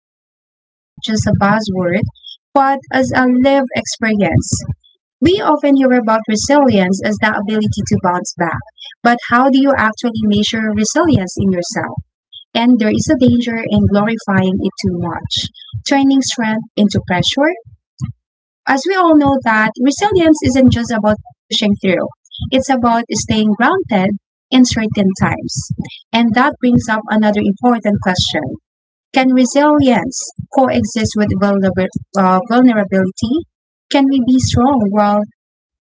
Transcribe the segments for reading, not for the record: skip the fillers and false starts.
resilience, not just a buzzword, but as a lived experience. We often hear about resilience as the ability to bounce back, but how do you actually measure resilience in yourself? And there is a danger in glorifying it too much, turning strength into pressure, as we all know that resilience isn't just about pushing through. It's about staying grounded in certain times. And that brings up another important question. Can resilience coexist with vulnerability? Can we be strong while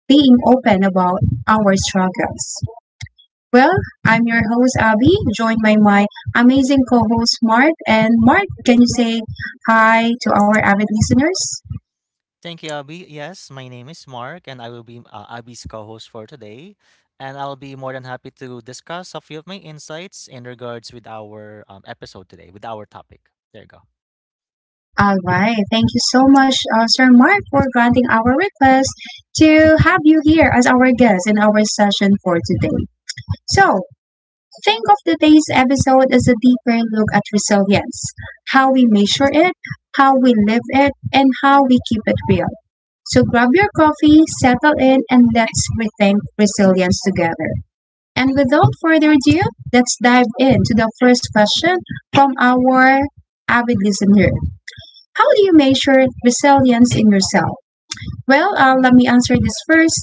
being open about our struggles? Well, I'm your host, Abby, joined by my amazing co host, Mark. And Mark, can you say hi to our avid listeners? Thank you, Abby. Yes, my name is Mark, and I will be Abby's co-host for today. And I'll be more than happy to discuss a few of my insights in regards with our episode today, with our topic. There you go. All right. Thank you so much, Sir Mark, for granting our request to have you here as our guest in our session for today. So, think of today's episode as a deeper look at resilience, how we measure it, how we live it, and how we keep it real. So, grab your coffee, settle in, and let's rethink resilience together. And without further ado, let's dive into the first question from our avid listener. How do you measure resilience in yourself? Well, let me answer this first.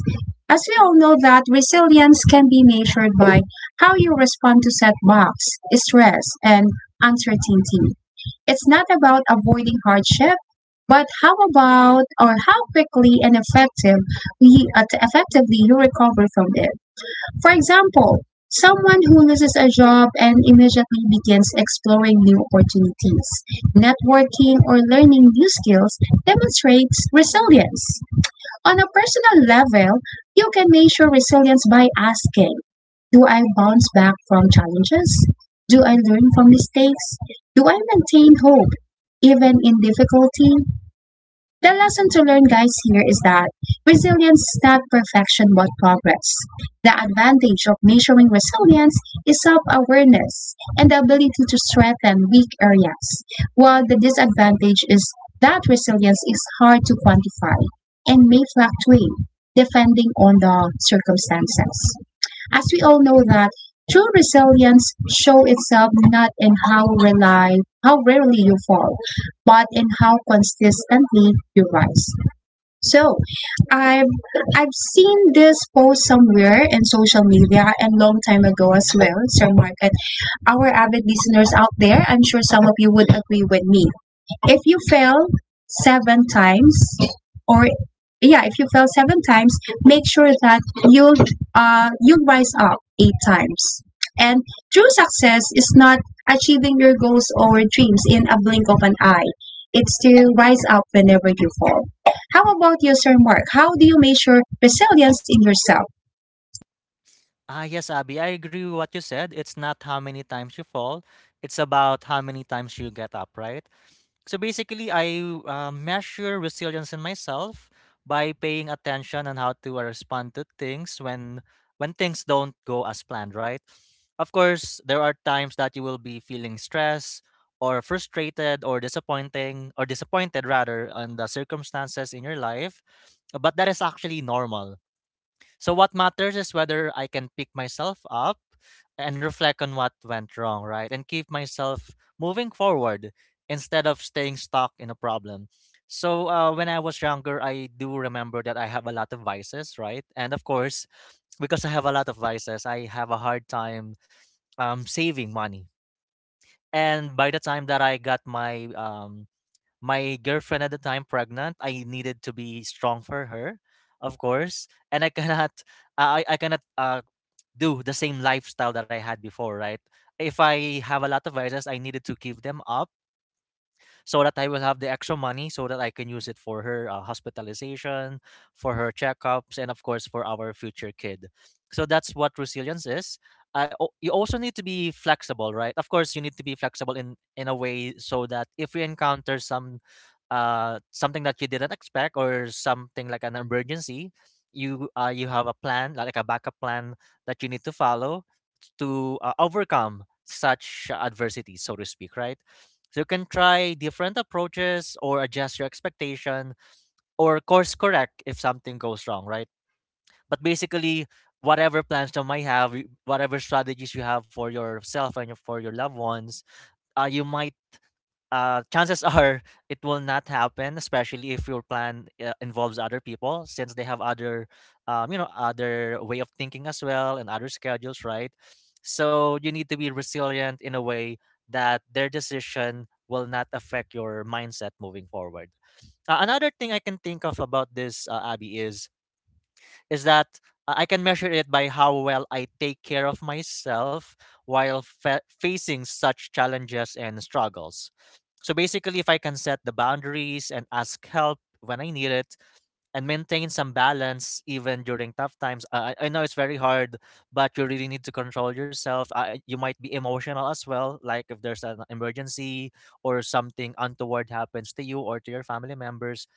As we all know that resilience can be measured by how you respond to setbacks, stress, and uncertainty. It's not about avoiding hardship, but how about or how quickly and effectively you recover from it. For example, someone who loses a job and immediately begins exploring new opportunities, networking, or learning new skills demonstrates resilience. On a personal level, you can measure resilience by asking: Do I bounce back from challenges? Do I learn from mistakes? Do I maintain hope even in difficulty? The lesson to learn, guys, here is that resilience is not perfection but progress. The advantage of measuring resilience is self awareness and the ability to strengthen weak areas, while the disadvantage is that resilience is hard to quantify and may fluctuate depending on the circumstances, as we all know that true resilience show itself not in how rarely you fall, but in how consistently you rise. So I've I've seen this post somewhere in social media and long time ago as Mm-hmm. well, Sir Market. Our avid listeners out there, I'm sure some of you would agree with me, if you fail 7 times or yeah if you fail 7 times, make sure that you'll you'll rise up 8 times, and true success is not achieving your goals or dreams in a blink of an eye. It's to rise up whenever you fall. How about you, Sir Mark? How do you measure resilience in yourself? Ah, yes, Abby, I agree with what you said. It's not how many times you fall; it's about how many times you get up, right? So basically, I measure resilience in myself by paying attention on how to respond to things when things don't go as planned, right? Of course, there are times that you will be feeling stressed or frustrated or disappointing or disappointed rather on the circumstances in your life, but that is actually normal. So what matters is whether I can pick myself up and reflect on what went wrong, right? And keep myself moving forward instead of staying stuck in a problem. So when I was younger, I do remember that I have a lot of vices, right? And of course, because I have a lot of vices, I have a hard time saving money. And by the time that I got my my girlfriend at the time pregnant, I needed to be strong for her, of course. And I cannot, I cannot do the same lifestyle that I had before, right? If I have a lot of viruses, I needed to give them up, so that I will have the extra money so that I can use it for her hospitalization, for her checkups, and of course for our future kid. So that's what resilience is. You also need to be flexible, right? Of course, you need to be flexible in a way so that if you encounter some something that you didn't expect or something like an emergency, you have a plan, like a backup plan that you need to follow to overcome such adversity, so to speak, right? So you can try different approaches or adjust your expectation or course correct if something goes wrong, right? But basically, whatever plans you might have, whatever strategies you have for yourself for your loved ones, you might chances are it will not happen, especially if your plan involves other people, since they have other, other way of thinking as well and other schedules, right? So you need to be resilient in a way that their decision will not affect your mindset moving forward. Another thing I can think of about this, Abby, is that I can measure it by how well I take care of myself while facing such challenges and struggles. So basically, if I can set the boundaries and ask help when I need it, and maintain some balance even during tough times. I know it's very hard, but you really need to control yourself. You might be emotional as well, like if there's an emergency or something untoward happens to you or to your family members.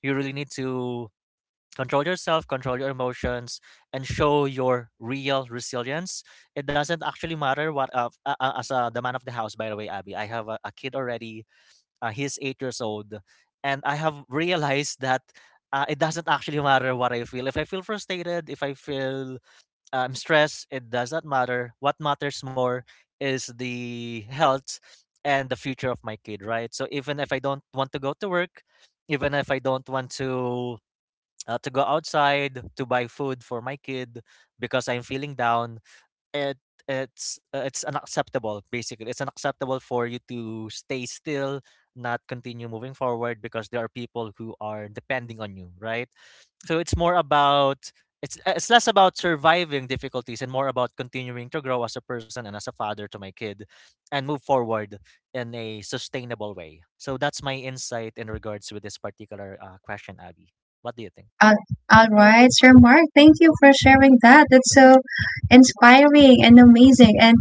You really need to control yourself, control your emotions, and show your real resilience. It doesn't actually matter what, as the man of the house. By the way, Abby, I have a kid already. He's 8 years old, and I have realized that it doesn't actually matter what I feel. If I feel frustrated, if I feel stressed, it does not matter. What matters more is the health and the future of my kid, right? So even if I don't want to go to work, even if I don't want to go outside to buy food for my kid because I'm feeling down. It it's unacceptable. Basically, it's unacceptable for you to stay still, not continue moving forward because there are people who are depending on you, right? So it's less about surviving difficulties and more about continuing to grow as a person and as a father to my kid, and move forward in a sustainable way. So that's my insight in regards with this particular question, Abby. What do you think? Uh, all right, Sir Mark, thank you for sharing that. That's so inspiring and amazing, and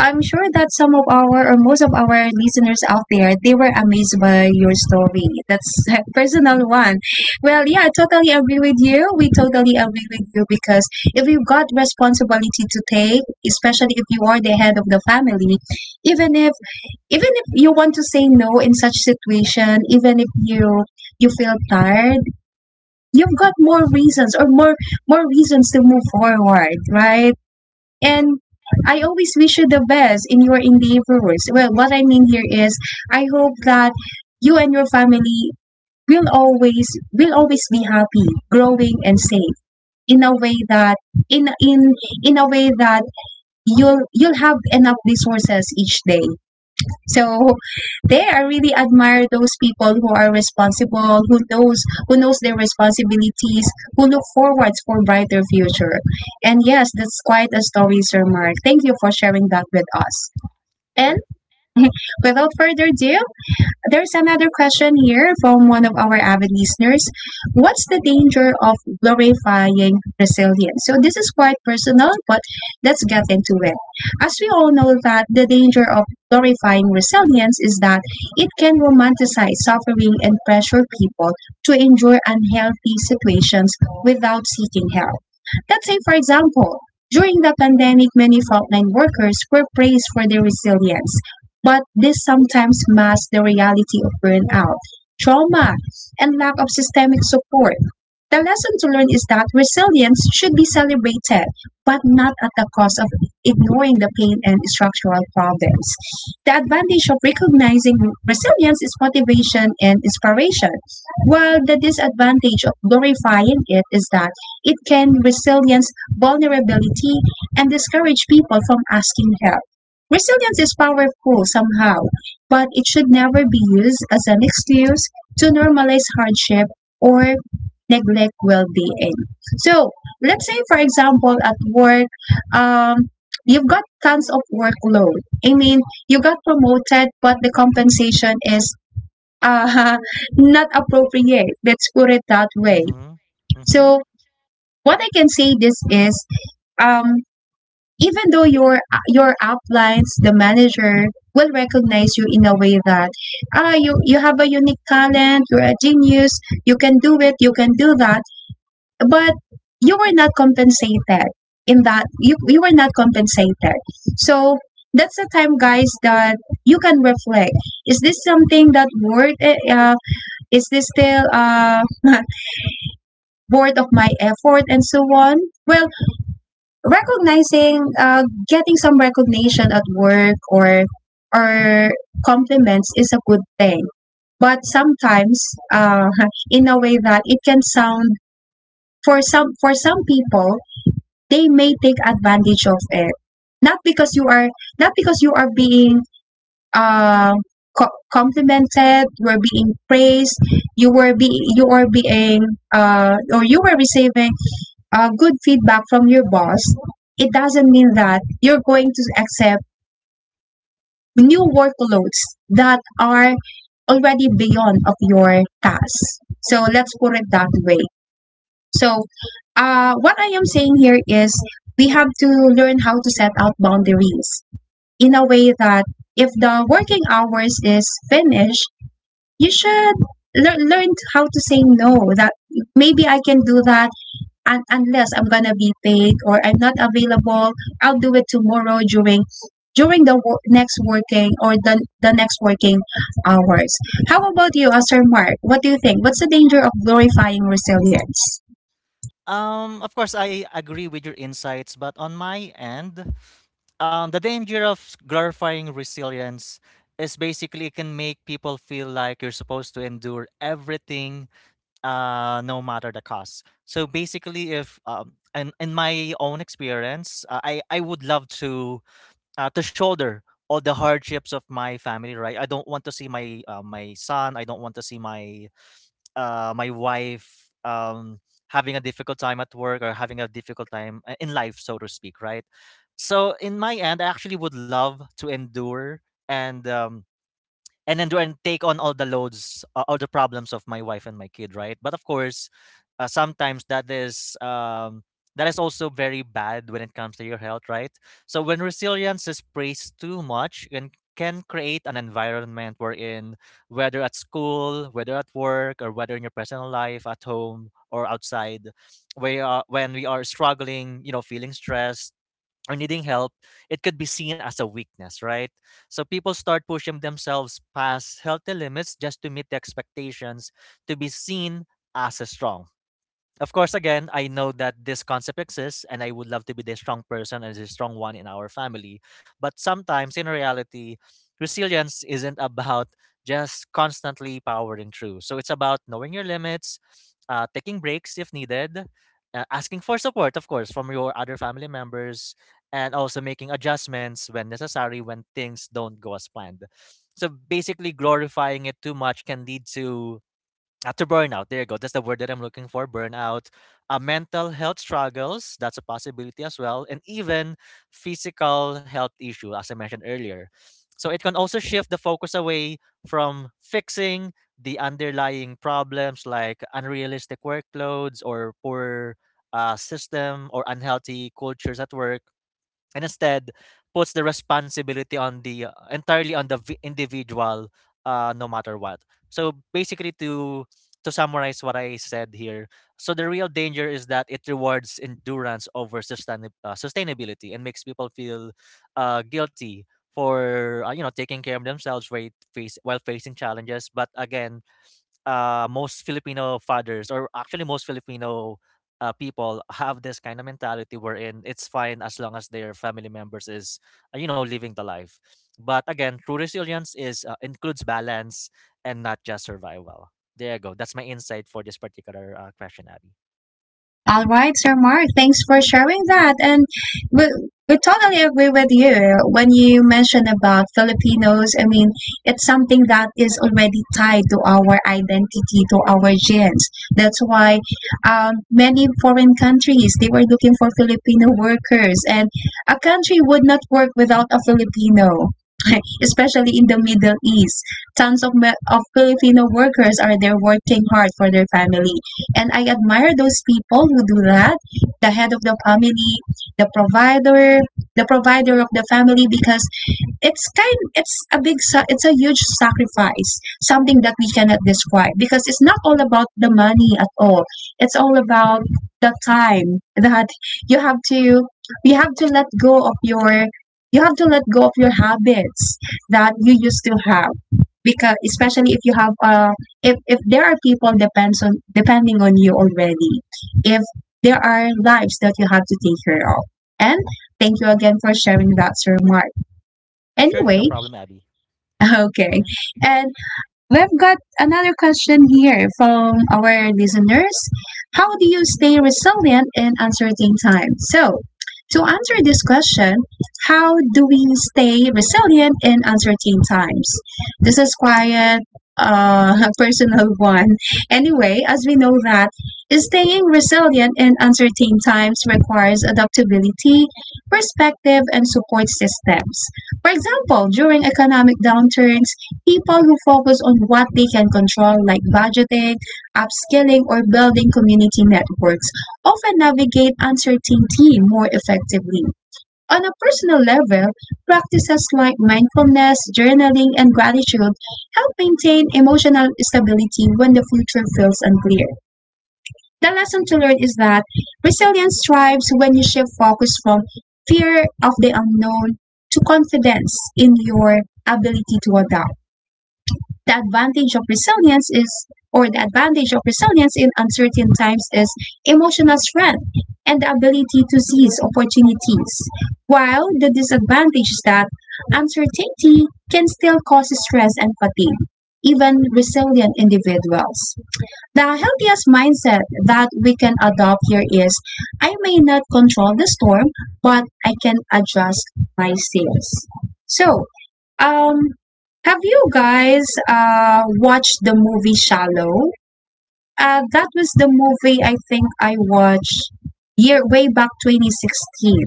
I'm sure that some of our or most of our listeners out there, they were amazed by your story. That's a personal one. Well, yeah, I totally agree with you. We totally agree with you, because if you've got responsibility to take, especially if you are the head of the family, even if even if you want to say no in such situation, even if you feel tired, you've got more Mm-hmm. reasons or more reasons to move forward, right? And I always wish you the best in your endeavors. Well, what I mean here is I hope that you and your family will always will always be happy, growing and safe in a way that in in in a way that you'll have enough resources each day. So, there, I really admire those people who are responsible, who knows, who knows their responsibilities, who look forwards for brighter future. And yes, that's quite a story, Sir Mark. Thank you for sharing that with us. And Sure. without further ado, there's another question here from one of our avid listeners. What's the danger of glorifying resilience? So this is quite personal, but let's get into it. As we all know that the danger of glorifying resilience is that it can romanticize suffering and pressure people to endure unhealthy situations without seeking help. Let's say, for example, during the pandemic, many frontline workers were praised for their resilience, but this sometimes masks the reality of burnout, trauma, and lack of systemic support. The lesson to learn is that resilience should be celebrated, but not at the cost of ignoring the pain and structural problems. The advantage of recognizing resilience is motivation and inspiration, while the disadvantage of glorifying it is that it can resilience vulnerability and discourage people from asking help. Resilience is powerful somehow, but it should never be used as an excuse to normalize hardship or neglect well-being. So, let's say for example at work, um, you've got tons of workload. I mean, you got promoted, but the compensation is uh, not appropriate. Let's put it that way. Mm-hmm. Mm-hmm. So, what I can say this is, um, even though your uplines the manager will recognize you in a way that, ah, you have a unique talent, you're a genius, you can do it, you can do that, but you were not compensated in that you were not compensated. So that's the time, guys, that you can reflect. Is this something that worth it? Is this still worth of my effort and so on? Well, recognizing, getting some recognition at work or or compliments is a good thing, but sometimes uh, in a way that it can sound, for some people they may take advantage of it. Not because you are not because you are being uh, complimented, you are being praised, you were be you are being or you were receiving good feedback from your boss, it doesn't mean that you're going to accept new workloads that are already beyond of your task. So let's put it that way. So what I am saying here is we have to learn how to set out boundaries in a way that if the working hours is finished, you should learn how to say no. That maybe I can do that, and unless I'm gonna be paid or I'm not available, I'll do it tomorrow during the next working or the next working hours. How about you, Sir Mark? What do you think? What's the danger of glorifying resilience? Of course, I agree with your insights, but on my end, the danger of glorifying resilience is basically it can make people feel like you're supposed to endure everything, no matter the cost. So basically, if in my own experience, I would love to shoulder all the hardships of my family. Right, I don't want to see my son. I don't want to see my wife having a difficult time at work or having a difficult time in life, so to speak, right? So, in my end, I actually would love to endure and um, and then do and take on all the loads, all the problems of my wife and my kid, right? But of course, sometimes that is also very bad when it comes to your health, right? So when resilience is praised too much and can create an environment wherein, whether at school, whether at work, or whether in your personal life at home or outside, we are when we are struggling, feeling stressed or needing help, it could be seen as a weakness, right? So people start pushing themselves past healthy limits just to meet the expectations, to be seen as strong. Of course, again, I know that this concept exists and I would love to be the strong person and the strong one in our family. But sometimes in reality, resilience isn't about just constantly powering through. So it's about knowing your limits, taking breaks if needed, asking for support, of course, from your other family members, and also making adjustments when necessary when things don't go as planned. So basically, glorifying it too much can lead to after burnout, there you go. That's the word that I'm looking for. Burnout, mental health struggles. That's a possibility as well, and even physical health issue, as I mentioned earlier. So it can also shift the focus away from fixing the underlying problems, like unrealistic workloads or poor system or unhealthy cultures at work, and instead puts the responsibility on the entirely on the individual, no matter what. So basically, to summarize what I said here, so the real danger is that it rewards endurance over sustainability and makes people feel guilty for taking care of themselves, while facing challenges, but again, most Filipino fathers, or actually most Filipino people, have this kind of mentality wherein it's fine as long as their family members is, living the life. But again, true resilience is includes balance and not just survival. There you go. That's my insight for this particular question, Abby. All right, Sir Mark, thanks for sharing that. And we, we totally agree with you when you mentioned about Filipinos. I mean, it's something that is already tied to our identity, to our genes. That's why many foreign countries they were looking for Filipino workers, and a country would not work without a Filipino. Especially in the Middle East, tons of, of Filipino workers are there working hard for their family. And I admire those people who do that, the head of the family, the provider, of the family, because it's a it's a huge sacrifice, something that we cannot describe, because it's not all about the money at all. It's all about the time that you have to you have to let go of you have to let go of your habits that you used to have, because especially if you have if there are people depends on depending on you already, if there are lives that you have to take care of. And thank you again for sharing that, Sir Mark. Sure, Anyway, no problem, Abby. okay. Mm-hmm. And we've got another question here from our listeners. How do you stay resilient in uncertain times? So, to answer this question, how do we stay resilient in uncertain times? This is quite a personal one. Anyway, as we know that staying resilient in uncertain times requires adaptability, perspective, and support systems. For example, during economic downturns, people who focus on what they can control, like budgeting, upskilling, or building community networks, often navigate uncertainty more effectively. On a personal level, practices like mindfulness, journaling, and gratitude help maintain emotional stability when the future feels unclear. The lesson to learn is that resilience thrives when you shift focus from fear of the unknown to confidence in your ability to adapt. The advantage of resilience is, or the advantage of resilience in uncertain times is emotional strength and the ability to seize opportunities, while the disadvantage is that uncertainty can still cause stress and fatigue even resilient individuals. The healthiest mindset that we can adopt here is: I may not control the storm, but I can adjust my sails. So, um have you guys watched the movie Shallow? That was the movie I think I watched year way back 2016.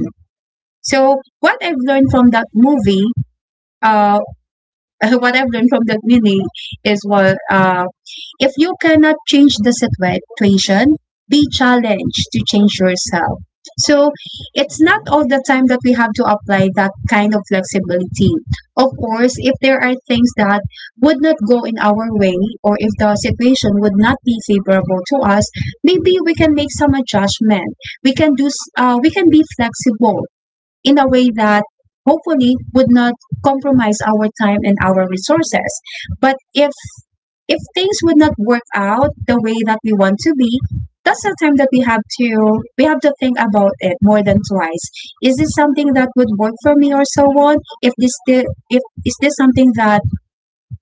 So what I've learned from that movie, uh, what I've learned from the Gwini is what, if you cannot change the situation, be challenged to change yourself. So it's not Mm-hmm. all the time that we have to apply that kind of flexibility. Of course, if there are things that would not go in our way, or if the situation would not be favorable to us, maybe we can make some adjustment. We can we can be flexible in a way that hopefully would not compromise our time and our resources. But if things would not work out the way that we want to be, that's the time that we have to, we have to think about it more than twice. Is this something that would work for me or so on? If this still if is this something that,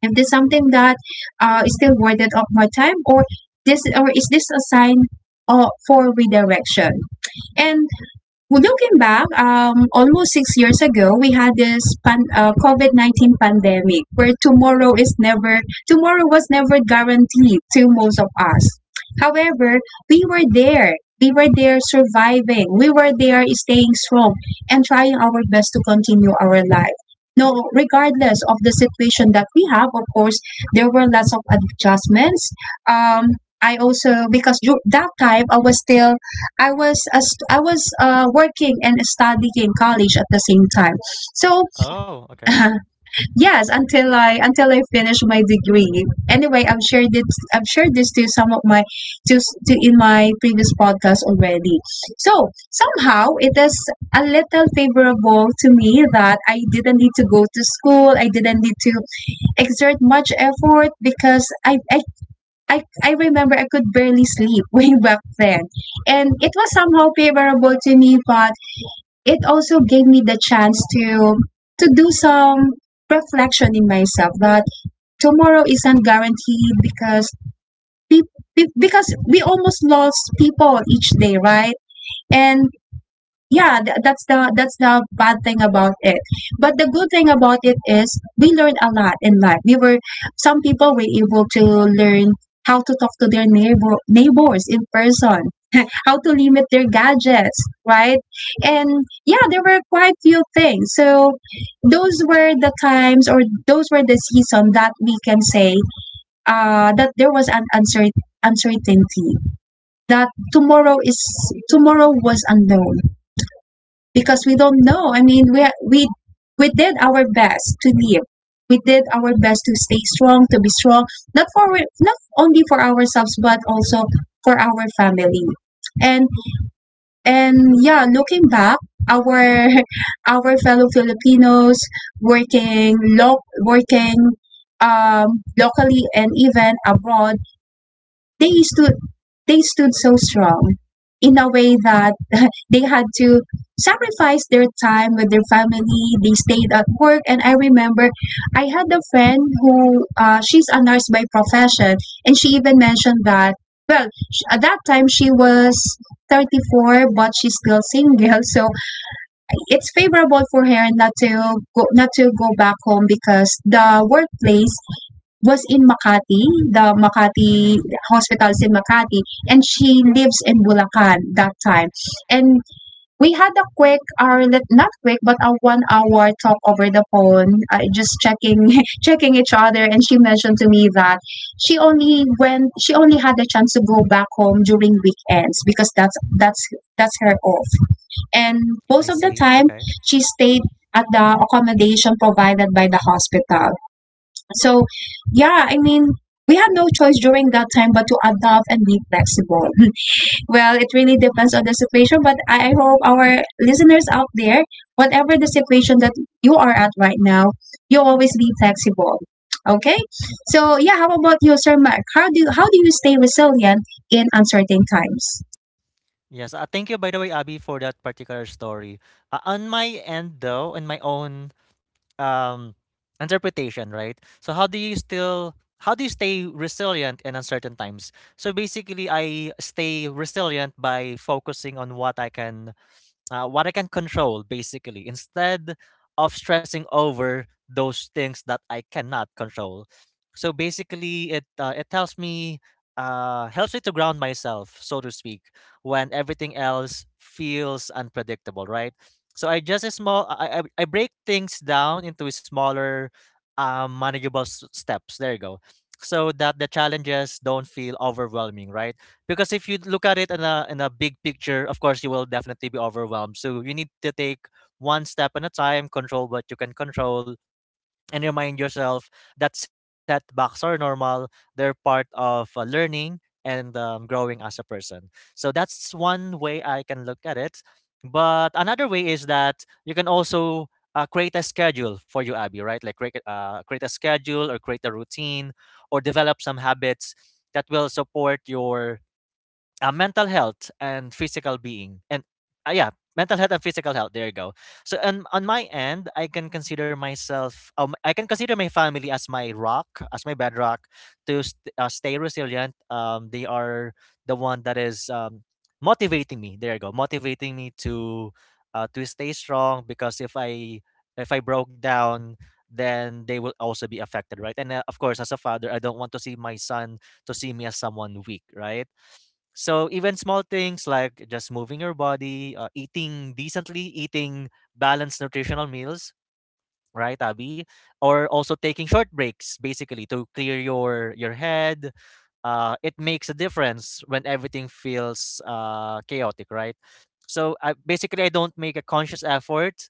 if this something that is still worth it of my time, or this or is this a sign for redirection? And well, looking back, almost 6 years ago, we had this COVID 19 pandemic, where tomorrow was never guaranteed to most of us. However, we were there. We were there surviving. We were there staying strong and trying our best to continue our life. No, regardless of the situation that we have, of course, there were lots of adjustments. Um, I also, because that time I was still, I was working and studying college at the same time. So Oh, okay. yes, until I finish my degree. Anyway, I've shared it. I've shared this to some of my to, s- to in my previous podcast already. So somehow it is a little favorable to me that I didn't need to go to school. I didn't need to exert much effort because I remember I could barely sleep way back then. And it was somehow favorable to me, but it also gave me the chance to do some reflection in myself that tomorrow isn't guaranteed because be, because we almost lost people each day, right? And yeah, that's the, that's the bad thing about it, but the good thing about it is we learned a lot in life. We were Some people were able to learn how to talk to their neighbors in person, how to limit their gadgets, right? And yeah, there were quite few things. So those were the times, or those were the season that we can say that there was an uncertainty, that tomorrow was unknown, because we don't know. I mean, we we did our best to live. We did our best to stay strong, to be strong, not only for ourselves but also for our family. And and yeah, looking back, our our fellow Filipinos working locally and even abroad, they stood they stood so strong in a way that they had to sacrifice their time with their family. They stayed at work, and I remember I had a friend who, she's a nurse by profession, and she even mentioned that, well, at that time she was 34 but she's still single. So it's favorable for her not to go not to go back home because the workplace was in Makati, the Makati Mm-hmm. hospitals in Makati, and she lives in Bulacan that time. And we had a quick, or not quick, but a 1 hour talk over the phone, just checking, checking each other. And she mentioned to me that she only had the chance to go back home during weekends because that's that's her off. And I most of the see. time, Okay. she stayed at the accommodation provided by the hospital. So, yeah, I mean, we had no choice during that time but to adapt and be flexible. Well, it really depends on the situation, but I hope our listeners out there, whatever the situation that you are at right now, you always be flexible. Okay? So, yeah, how about you, Sir Mark? How do you stay resilient in uncertain times? Yes. Thank you, by the way, Abby, for that particular story. On my end, though, in my own um, interpretation, right? So how do you stay resilient in uncertain times? So basically, I stay resilient by focusing on what I can control, basically, instead of stressing over those things that I cannot control. So basically, it helps me to ground myself, so to speak, when everything else feels unpredictable, right? So I just a small I break things down into smaller, manageable steps. There you go, so that the challenges don't feel overwhelming, right? Because if you look at it in a big picture, of course you will definitely be overwhelmed. So you need to take one step at a time, control what you can control, and remind yourself that setbacks are normal. They're part of learning and growing as a person. So that's one way I can look at it. But another way is that you can also create a schedule for you, Abby, right? Like create, create a schedule or create a routine or develop some habits that will support your mental health and physical being and yeah, mental health and physical health, there you go. So and on my end I can consider myself I can consider my family as my rock, as my bedrock to stay resilient. They are the one that is motivating me, there you go, motivating me to stay strong, because if I if I broke down then they will also be affected, right? And of course as a father I don't want to see my son to see me as someone weak, right? So even small things like just moving your body, eating decently, eating balanced nutritional meals, right, Abby? Or also taking short breaks, basically, to clear your head. It makes a difference when everything feels chaotic, right? So I, basically, I don't make a conscious effort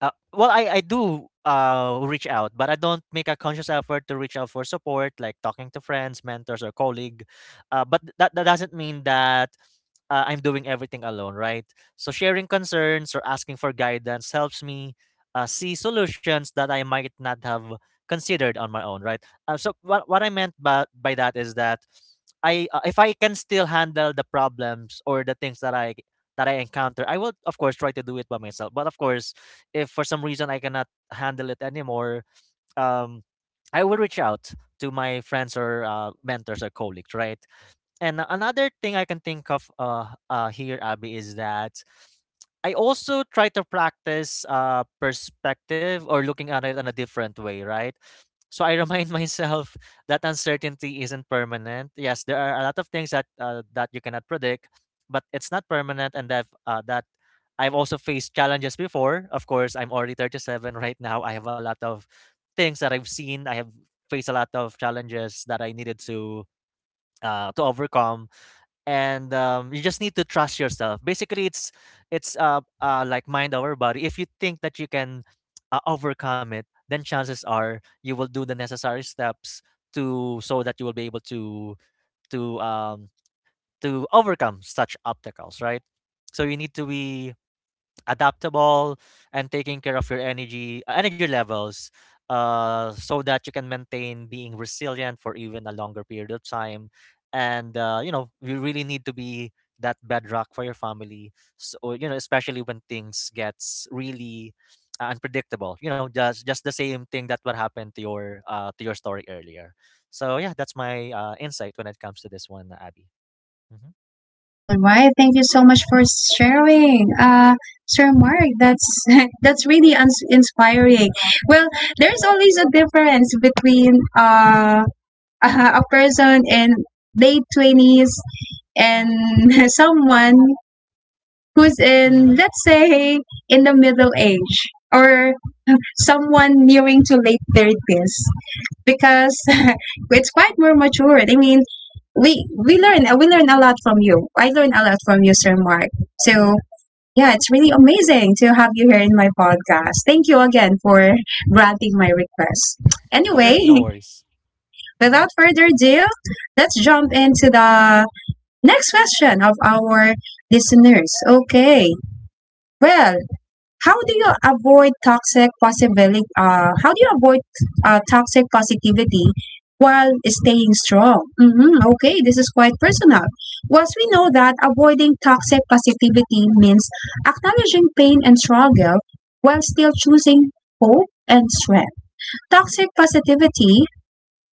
well, I do reach out, but I don't make a conscious effort to reach out for support, like talking to friends, mentors, or colleague. But that doesn't mean that I'm doing everything alone, right? So sharing concerns or asking for guidance helps me see solutions that I might not have considered on my own, right? So what I meant by that is that I if I can still handle the problems or the things that I encounter, I will of course try to do it by myself. But of course, if for some reason I cannot handle it anymore, um, I will reach out to my friends or mentors or colleagues, right? And another thing I can think of here, Abby, is that I also try to practice perspective or looking at it in a different way, right? So I remind myself that uncertainty isn't permanent. Yes, there are a lot of things that that you cannot predict, but it's not permanent, and that I've also faced challenges before. Of course, I'm already 37 right now. I have a lot of things that I've seen. I have faced a lot of challenges that I needed to overcome, and you just need to trust yourself, basically. It's like mind over body. If you think that you can overcome it, then chances are you will do the necessary steps to so that you will be able to um to overcome such obstacles, right? So you need to be adaptable and taking care of your energy energy levels, so that you can maintain being resilient for even a longer period of time. And you know, you really need to be that bedrock for your family, so you know, especially when things gets really unpredictable, you know, just the same thing that what happened to your story earlier. So yeah, that's my insight when it comes to this one, Abby. Hmm. All right, thank you so much for sharing, Sir Mark. That's that's really inspiring. Well, there's always a difference between a person in late twenties and someone who's in, Hmm. let's say, in the middle age, or someone nearing to late thirties, because it's quite more matured. I mean, we learn we learn a lot from you. I learn a lot from you, Sir Mark. So yeah, it's really amazing to have you here in my podcast. Thank you again for granting my request. Sure, Anyway, no worries. Mm-hmm. without further ado, let's jump into the next question of our listeners. Okay. Well, how do you avoid toxic possibility? How do you avoid toxic positivity while staying strong? Hmm. Okay, this is quite personal. Once we know that avoiding toxic positivity means acknowledging pain and struggle while still choosing hope and strength. Toxic positivity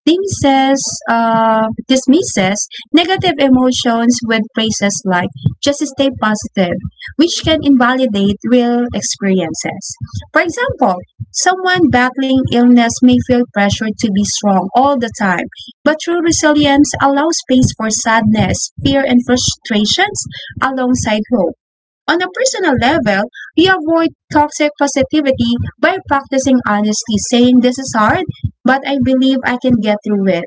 dismisses, dismisses negative emotions with phrases like "just stay positive," which can invalidate real experiences. For example, someone battling illness may feel pressure to be strong all the time, but true resilience allows space for sadness, fear, and frustrations alongside hope. On a personal level, we avoid toxic positivity by practicing honesty, saying, "this is hard, but I believe I can get through it."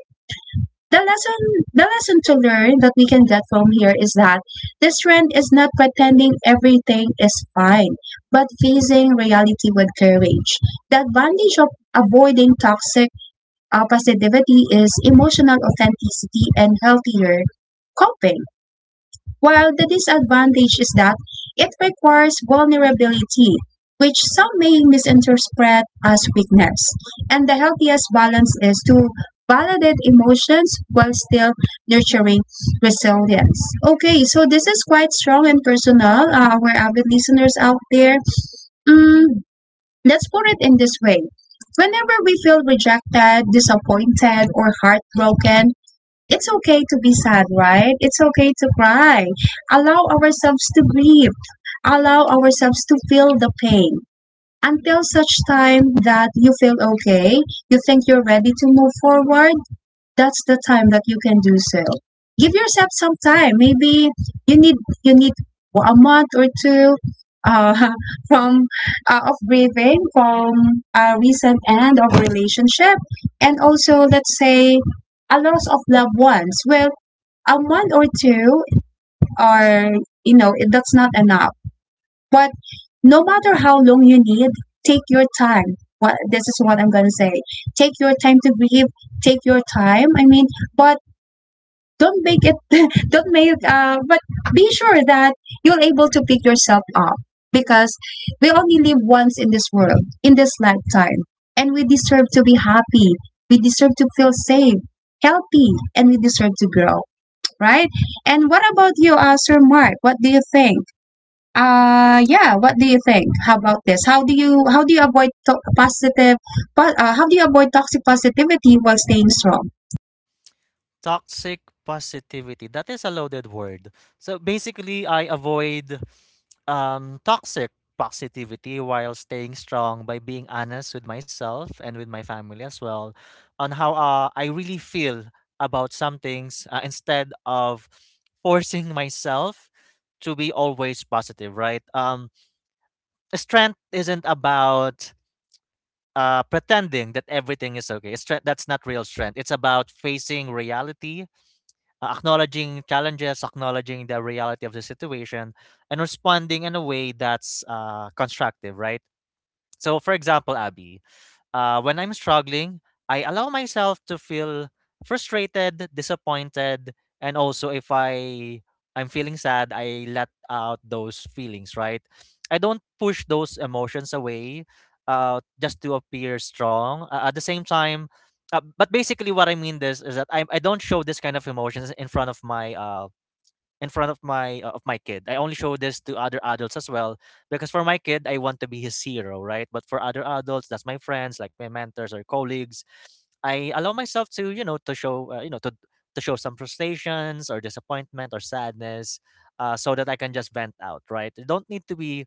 The lesson, the lesson to learn that we can get from here is that this trend is not pretending everything is fine, but facing reality with courage. The advantage of avoiding toxic positivity is emotional authenticity and healthier coping, while the disadvantage is that it requires vulnerability, which some may misinterpret as weakness. And the healthiest balance is to validate emotions while still nurturing resilience. Okay, so this is quite strong and personal, our avid listeners out there. Mm, let's put it in this way. Whenever we feel rejected, disappointed, or heartbroken, it's okay to be sad, right? It's okay to cry. Allow ourselves to grieve. Allow ourselves to feel the pain until such time that you feel okay, you think you're ready to move forward, that's the time that you can do so. Give yourself some time. Maybe you need you need a month or two uh, from of grieving from a recent end of relationship, and also let's say a loss of loved ones. Well, a month or two are, you know, that's not enough. But no matter how long you need, take your time. What this is what I'm gonna say. Take your time to grieve. Take your time. I mean, but don't make it don't make but be sure that you're able to pick yourself up, because we only live once in this world, in this lifetime, and we deserve to be happy, we deserve to feel safe, healthy, and we deserve to grow, right? And what about you, Sir Mark? What do you think? How about this? How do you, how do you avoid how do you avoid toxic positivity while staying strong? Toxic positivity. That is a loaded word. So basically, I avoid toxic positivity while staying strong by being honest with myself and with my family as well on how I really feel about some things instead of forcing myself to be always positive, right? Strength isn't about pretending that everything is okay. Strength, that's not real strength. It's about facing reality, acknowledging challenges, acknowledging the reality of the situation, and responding in a way that's constructive, right? So, for example, Abby, when I'm struggling, I allow myself to feel frustrated, disappointed, and also if I'm feeling sad, I let out those feelings, right? I don't push those emotions away just to appear strong. At the same time, but basically what I mean this is that I don't show this kind of emotions in front of my in front of my of my kid. I only show this to other adults as well, because for my kid I want to be his hero, right? But for other adults, that's my friends, like my mentors or colleagues, I allow myself to, you know, to show, to show some frustrations or disappointment or sadness, so that I can just vent out, right? You don't need to be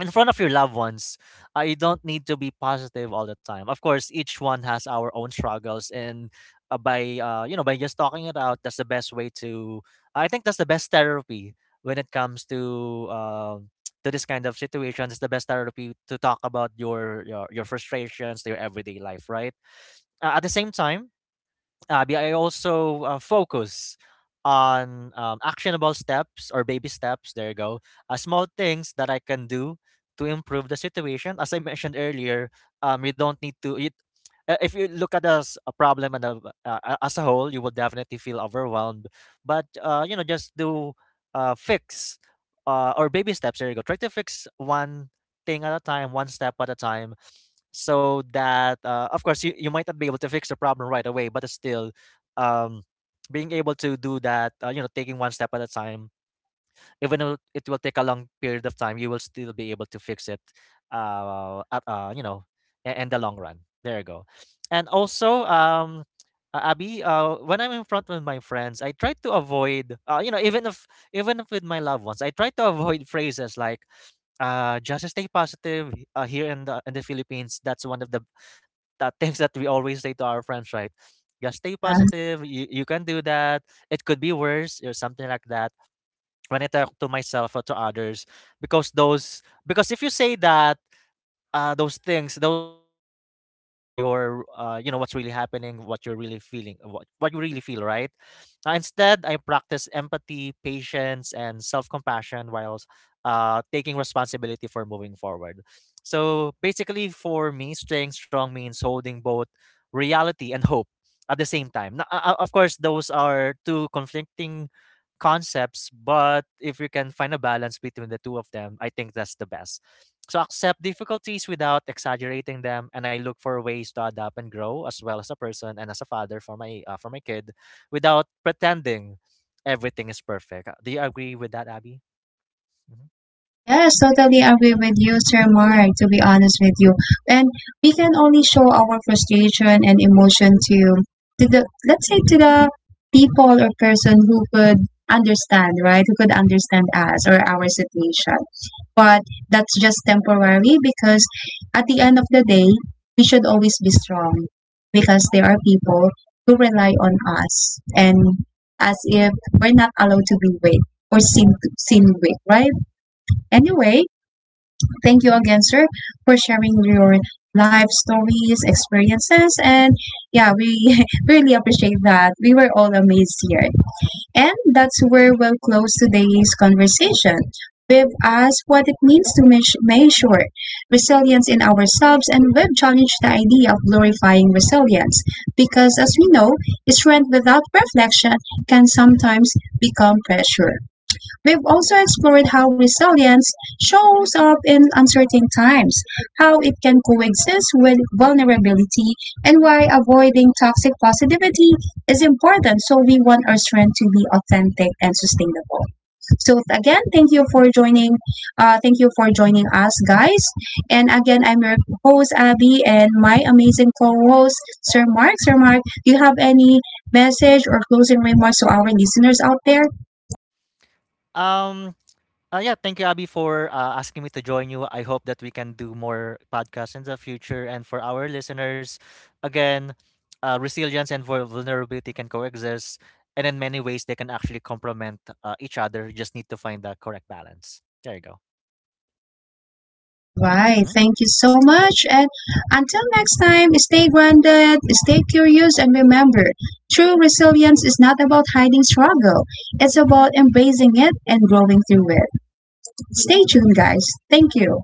in front of your loved ones, you don't need to be positive all the time. Of course, each one has our own struggles, and by you know, by just talking it out, that's the best way to. I think that's the best therapy when it comes to to this kind of situation. It's the best therapy to talk about your frustrations to your everyday life, right? At the same time. But I also focus on actionable steps or baby steps. There you go. Small things that I can do to improve the situation. As I mentioned earlier, you don't need to. You, if you look at us a problem and as a whole, you will definitely feel overwhelmed. But you know, just do fix or baby steps. There you go. Try to fix one thing at a time, one step at a time, so that of course you might not be able to fix the problem right away, but still um, being able to do that, you know, taking one step at a time, even though it will take a long period of time, you will still be able to fix it, you know, in the long run, there you go. And also Abby, when I'm in front with my friends, I try to avoid, you know, even if with my loved ones, I try to avoid phrases like, "Just stay positive." Here in the Philippines, that's one of the things that we always say to our friends, right? Just stay Yeah positive. You can do that. It could be worse or something like that. When I talk to myself or to others, because those because if you say that those things, those could dismiss your you know what's really happening, what you're really feeling, uh, what you really feel, right? Instead, I practice empathy, patience, and self-compassion while taking responsibility for moving forward. So basically for me, staying strong means holding both reality and hope at the same time. Now, of course those are two conflicting concepts, but if you can find a balance between the two of them, I think that's the best. So accept difficulties without exaggerating them, and I look for ways to adapt and grow as well, as a person and as a father for my kid, without pretending everything is perfect. Do you agree with that, Abby? Mhm. Yes, totally agree with you, Sir Mark, to be honest with you. And we can only show our frustration and emotion to the let's say, to the people or person who could understand, right? Who could understand us or our situation. But that's just temporary, because at the end of the day, we should always be strong, because there are people who rely on us, and as if we're not allowed to be weak or seen weak, right? Anyway, thank you again, sir, for sharing your life stories, experiences, and yeah, we really appreciate that. We were all amazed here. And that's where we'll close today's conversation. We've asked what it means to measure resilience in ourselves, and we've challenged the idea of glorifying resilience, because, as we know, strength without reflection can sometimes become pressure. We've also explored how resilience shows up in uncertain times, how it can coexist with vulnerability, and why avoiding toxic positivity is important, so we want our strength to be authentic and sustainable. So again, thank you for joining. Thank you for joining us, guys. And again, I'm your host Abby and my amazing co-host Sir Mark. Sir Mark, do you have any message or closing remarks to our listeners out there? Um. Yeah, thank you, Abby, for asking me to join you. I hope that we can do more podcasts in the future. And for our listeners, again, resilience and vulnerability can coexist. And in many ways, they can actually complement each other. You just need to find the correct balance. There you go. All right. Mhm. Thank you so much. And until next time, stay grounded, stay curious, and remember, true resilience is not about hiding struggle, it's about embracing it and growing through it. Stay tuned, guys. Thank you.